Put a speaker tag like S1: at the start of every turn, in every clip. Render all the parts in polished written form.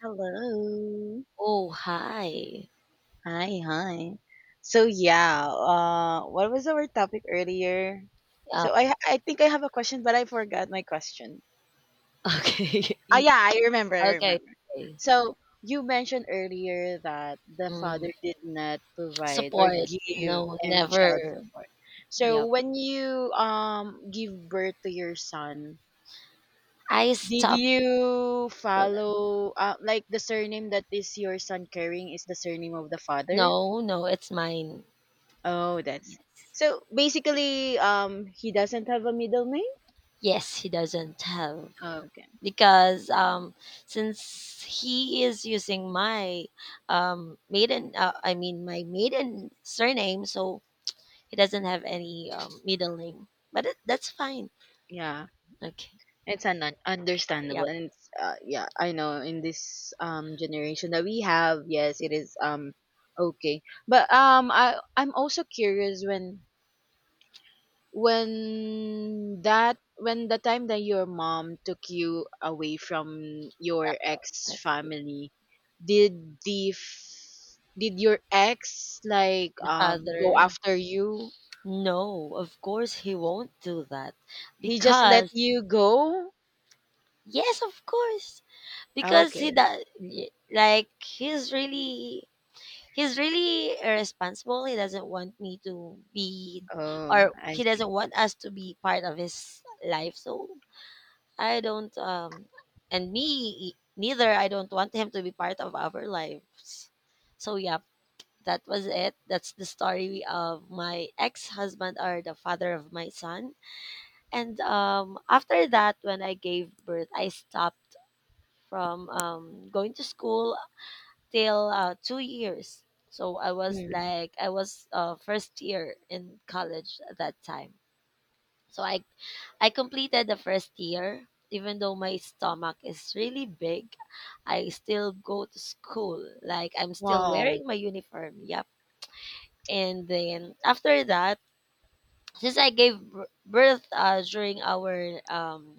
S1: Hello.
S2: Oh, hi.
S1: Hi, hi. So yeah, what was our topic earlier?
S2: Uh,
S1: So I think I have a question, but I forgot my question.
S2: okay.
S1: Oh yeah, I remember, I
S2: okay.
S1: remember.
S2: Okay.
S1: So you mentioned earlier that the
S2: Mm,
S1: father did not provide or
S2: support.
S1: give
S2: No,
S1: any child
S2: never.
S1: support. So
S2: Yep.
S1: when you give birth to your son,
S2: I
S1: did
S2: stopped.
S1: you follow like, the surname that is your son carrying is the surname of the father?
S2: No, no, it's mine.
S1: Oh, that's
S2: Yes.
S1: so basically, he doesn't have a middle name.
S2: Yes, he doesn't have.
S1: Oh, okay.
S2: Because since he is using my maiden I mean my maiden surname, so he doesn't have any middle name. But that's fine.
S1: Yeah.
S2: Okay.
S1: It's understandable.
S2: Yep.
S1: And it's, yeah, I know in this generation that we have, yes, it is okay. But um, I'm also curious when that when the time that your mom took you away from your ex
S2: Like.
S1: family, did did your ex like
S2: The
S1: go
S2: father.
S1: after you?
S2: No, of course he won't do that,
S1: He just let
S2: because
S1: you go?
S2: yes, of course, because he
S1: Okay.
S2: does, like he's really irresponsible. He doesn't want me to be,
S1: Oh,
S2: or
S1: I
S2: he
S1: see.
S2: doesn't want us to be part of his life. So I don't, and me, neither. I don't want him to be part of our lives. So yeah, that was it. That's the story of my ex-husband, or the father of my son. And after that, when I gave birth, I stopped from going to school till 2 years. So I was
S1: Mm.
S2: first year in college at that time. So I completed the first year. Even though my stomach is really big, I still go to school. Like I'm still
S1: Wow.
S2: wearing my uniform. Yep. And then after that, since I gave birth during our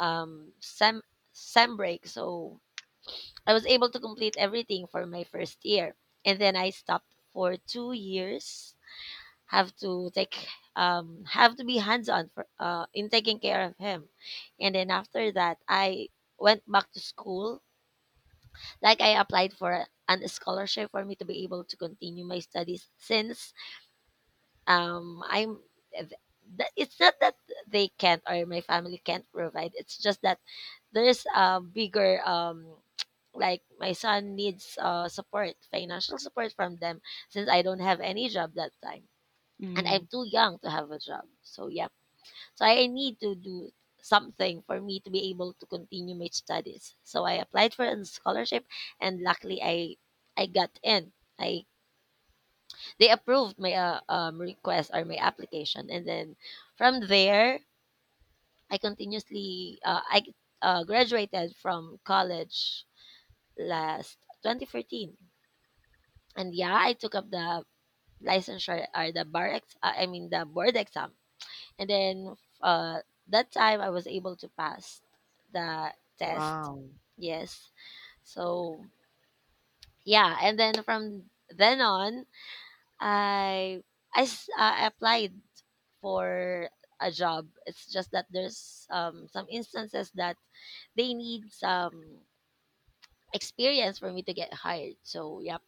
S2: um, sem sem break. So I was able to complete everything for my first year, and then I stopped for 2 years. Have to take have to be hands on for in taking care of him, and then after that I went back to school. Like I applied for an scholarship for me to be able to continue my studies, since um i'm th- it's not that they can't, or my family can't provide. It's just that there's a bigger like my son needs support financial support from them, since I don't have any job that time, and I'm
S1: Mm.
S2: too young to have a job. So yeah, so I need to do something for me to be able to continue my studies, so I applied for a scholarship, and luckily I got in, I they approved my request or my application, and then from there, I continuously I graduated from college last 2014, and yeah, I took up the licensure, or the bar I mean the board exam, and then that time I was able to pass the test.
S1: Wow.
S2: Yes, so yeah, and then from then on, I I applied for a job. It's just that there's some instances that they need some experience for me to get hired. So yeah,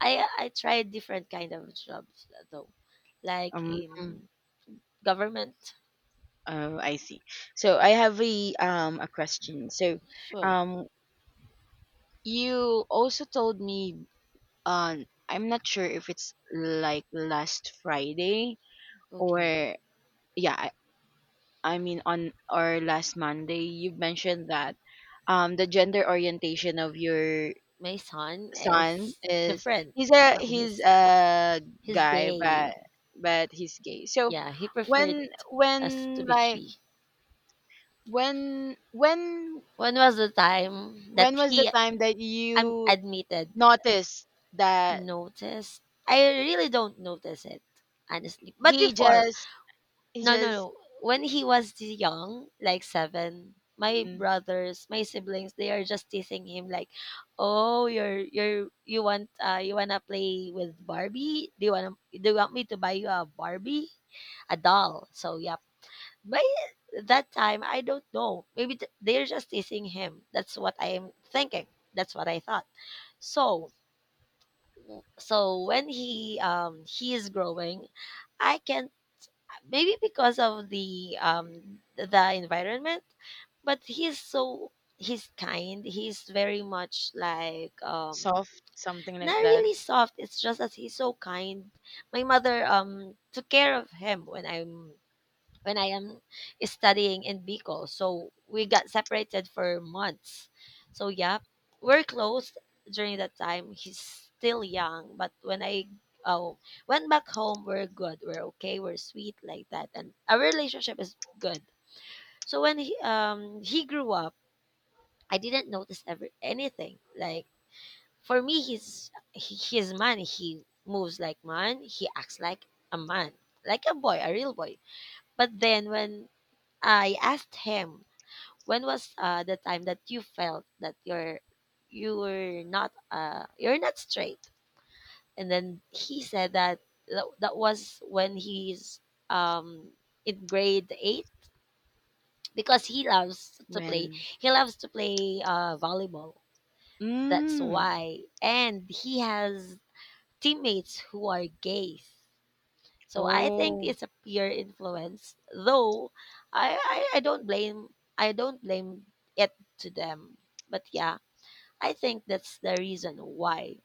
S2: I tried different kind of jobs though, like
S1: Um,
S2: in government.
S1: oh, I see. So I have a question. So,
S2: Sure,
S1: um, you also told me on, I'm not sure if it's like last Friday or
S2: okay.
S1: yeah, I mean on or last Monday, you mentioned that the gender orientation of your
S2: My son
S1: son
S2: is
S1: is,
S2: different
S1: he's a
S2: from his his
S1: guy
S2: day.
S1: but he's gay. So
S2: Yeah, he preferred
S1: when
S2: us to be free.
S1: when when
S2: When was the time that
S1: when was the
S2: he.
S1: time that
S2: I
S1: you
S2: admitted.
S1: noticed that?
S2: Notice? I really don't notice it, honestly. But
S1: He
S2: before,
S1: just, he
S2: no, no,
S1: just
S2: no. When he was young, like seven, my
S1: mm,
S2: brothers, my siblings, they are just teasing him like, "Oh, you're you want you wanna play with Barbie? Do you want me to buy you a Barbie, a doll?" So yep. But that time, I don't know. Maybe they're just teasing him. That's what I am thinking. That's what I thought. So when he is growing, I can, maybe because of the environment, but he's kind, he's very much like,
S1: soft, something like
S2: not
S1: that.
S2: really soft, it's just that he's so kind. My mother took care of him when I am studying in Bicol. So we got separated for months. So yeah, we're close during that time. He's still young, but when I uh, went back home, we're good. We're okay. We're sweet like that, and our relationship is good. So when he grew up, I didn't notice ever anything. Like for me, he's man. He moves like man. He acts like a man, like a boy, a real boy. But then when I asked him, when was the time that you felt that you were not, you're not straight? And then he said that that was when he's um, in grade eight, because he loves to play.
S1: When
S2: He loves to play volleyball. That's
S1: mm,
S2: why, and he has teammates who are gays. So I think
S1: oh,
S2: it's a peer influence, though I don't blame it to them. But yeah, I think that's the reason why.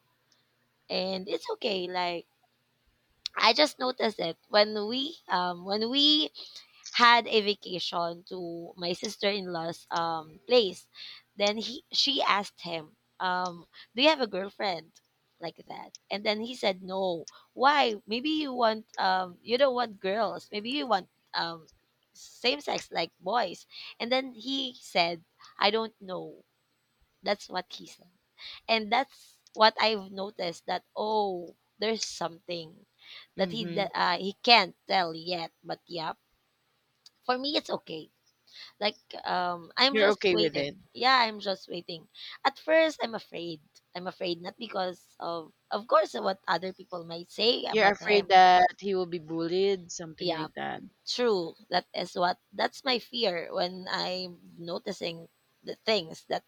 S2: And it's okay, like I just noticed it when we had a vacation to my sister-in-law's place. Then she asked him, "Do you have a girlfriend?" Like that, and then he said, "No. Why? Maybe you want, you don't want girls. Maybe you want, same sex, like boys." And then he said, "I don't know." That's what he said, and that's what I've noticed. That oh, there's something that he
S1: mm-hmm.
S2: that uh, he can't tell yet. But yeah, for me it's okay, like I'm
S1: You're
S2: just
S1: okay with
S2: waiting.
S1: it?
S2: Yeah, I'm just waiting. At first I'm afraid. I'm afraid, not because of course what other people might say
S1: You're
S2: about
S1: afraid
S2: him.
S1: that he will be bullied, something
S2: Yeah,
S1: like that?
S2: true. That is what, that's my fear when I'm noticing the things that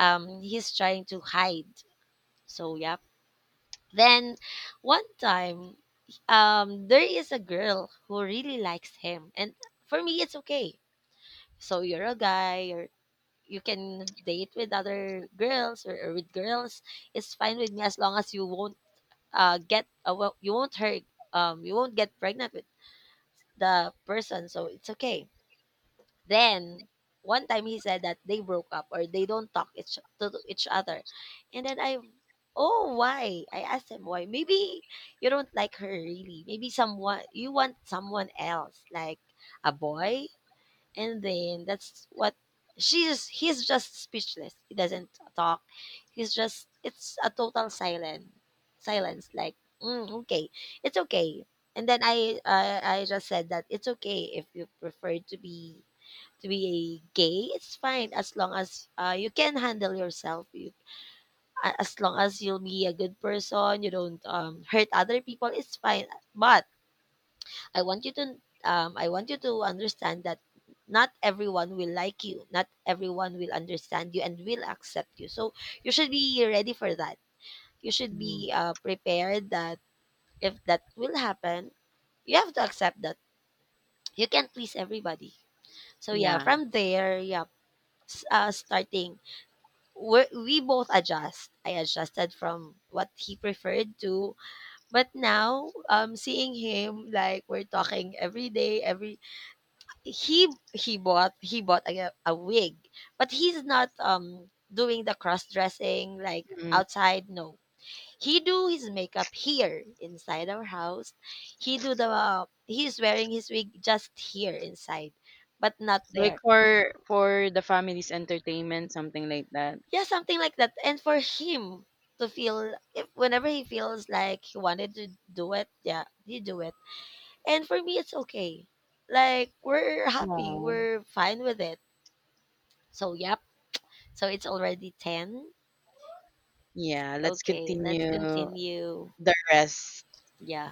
S2: he's trying to hide. So yeah. Then one time there is a girl who really likes him, and for me it's okay. So you're a guy, you can date with other girls, or with girls. It's fine with me, as long as you won't get well, you won't hurt, you won't get pregnant with the person, so it's okay. Then one time he said that they broke up, or they don't talk each, to each other. And then I oh, why, I asked him why, maybe you don't like her really, maybe someone you want someone else, like a boy. And then that's what, she's he's just speechless. He doesn't talk. He's just, it's a total silent silence. Like okay, it's okay. And then I just said that it's okay, if you prefer to be, a gay. It's fine, as long as you can handle yourself. You, as long as you'll be a good person, you don't hurt other people. It's fine. But I want you to, understand that not everyone will like you, not everyone will understand you and will accept you. So you should be ready for that. You should
S1: Mhm.
S2: be prepared that if that will happen, you have to accept that you can't please everybody. So yeah,
S1: Yeah.
S2: from there, yeah, starting we both adjust. I adjusted from what he preferred to, but now seeing him like we're talking every day, every, he he bought a wig, but he's not doing the cross dressing like
S1: Mm-hmm.
S2: outside, no. He do his makeup here inside our house. He do the, he's wearing his wig just here inside, but not
S1: Like,
S2: there.
S1: for the family's entertainment, something like that.
S2: Yeah, something like that, and for him to feel, if whenever he feels like he wanted to do it, yeah he do it. And for me it's okay, like we're happy,
S1: Oh.
S2: we're fine with it. So yep. So it's already 10?
S1: Yeah, let's
S2: Okay, let's
S1: continue
S2: continue.
S1: the rest.
S2: Yeah.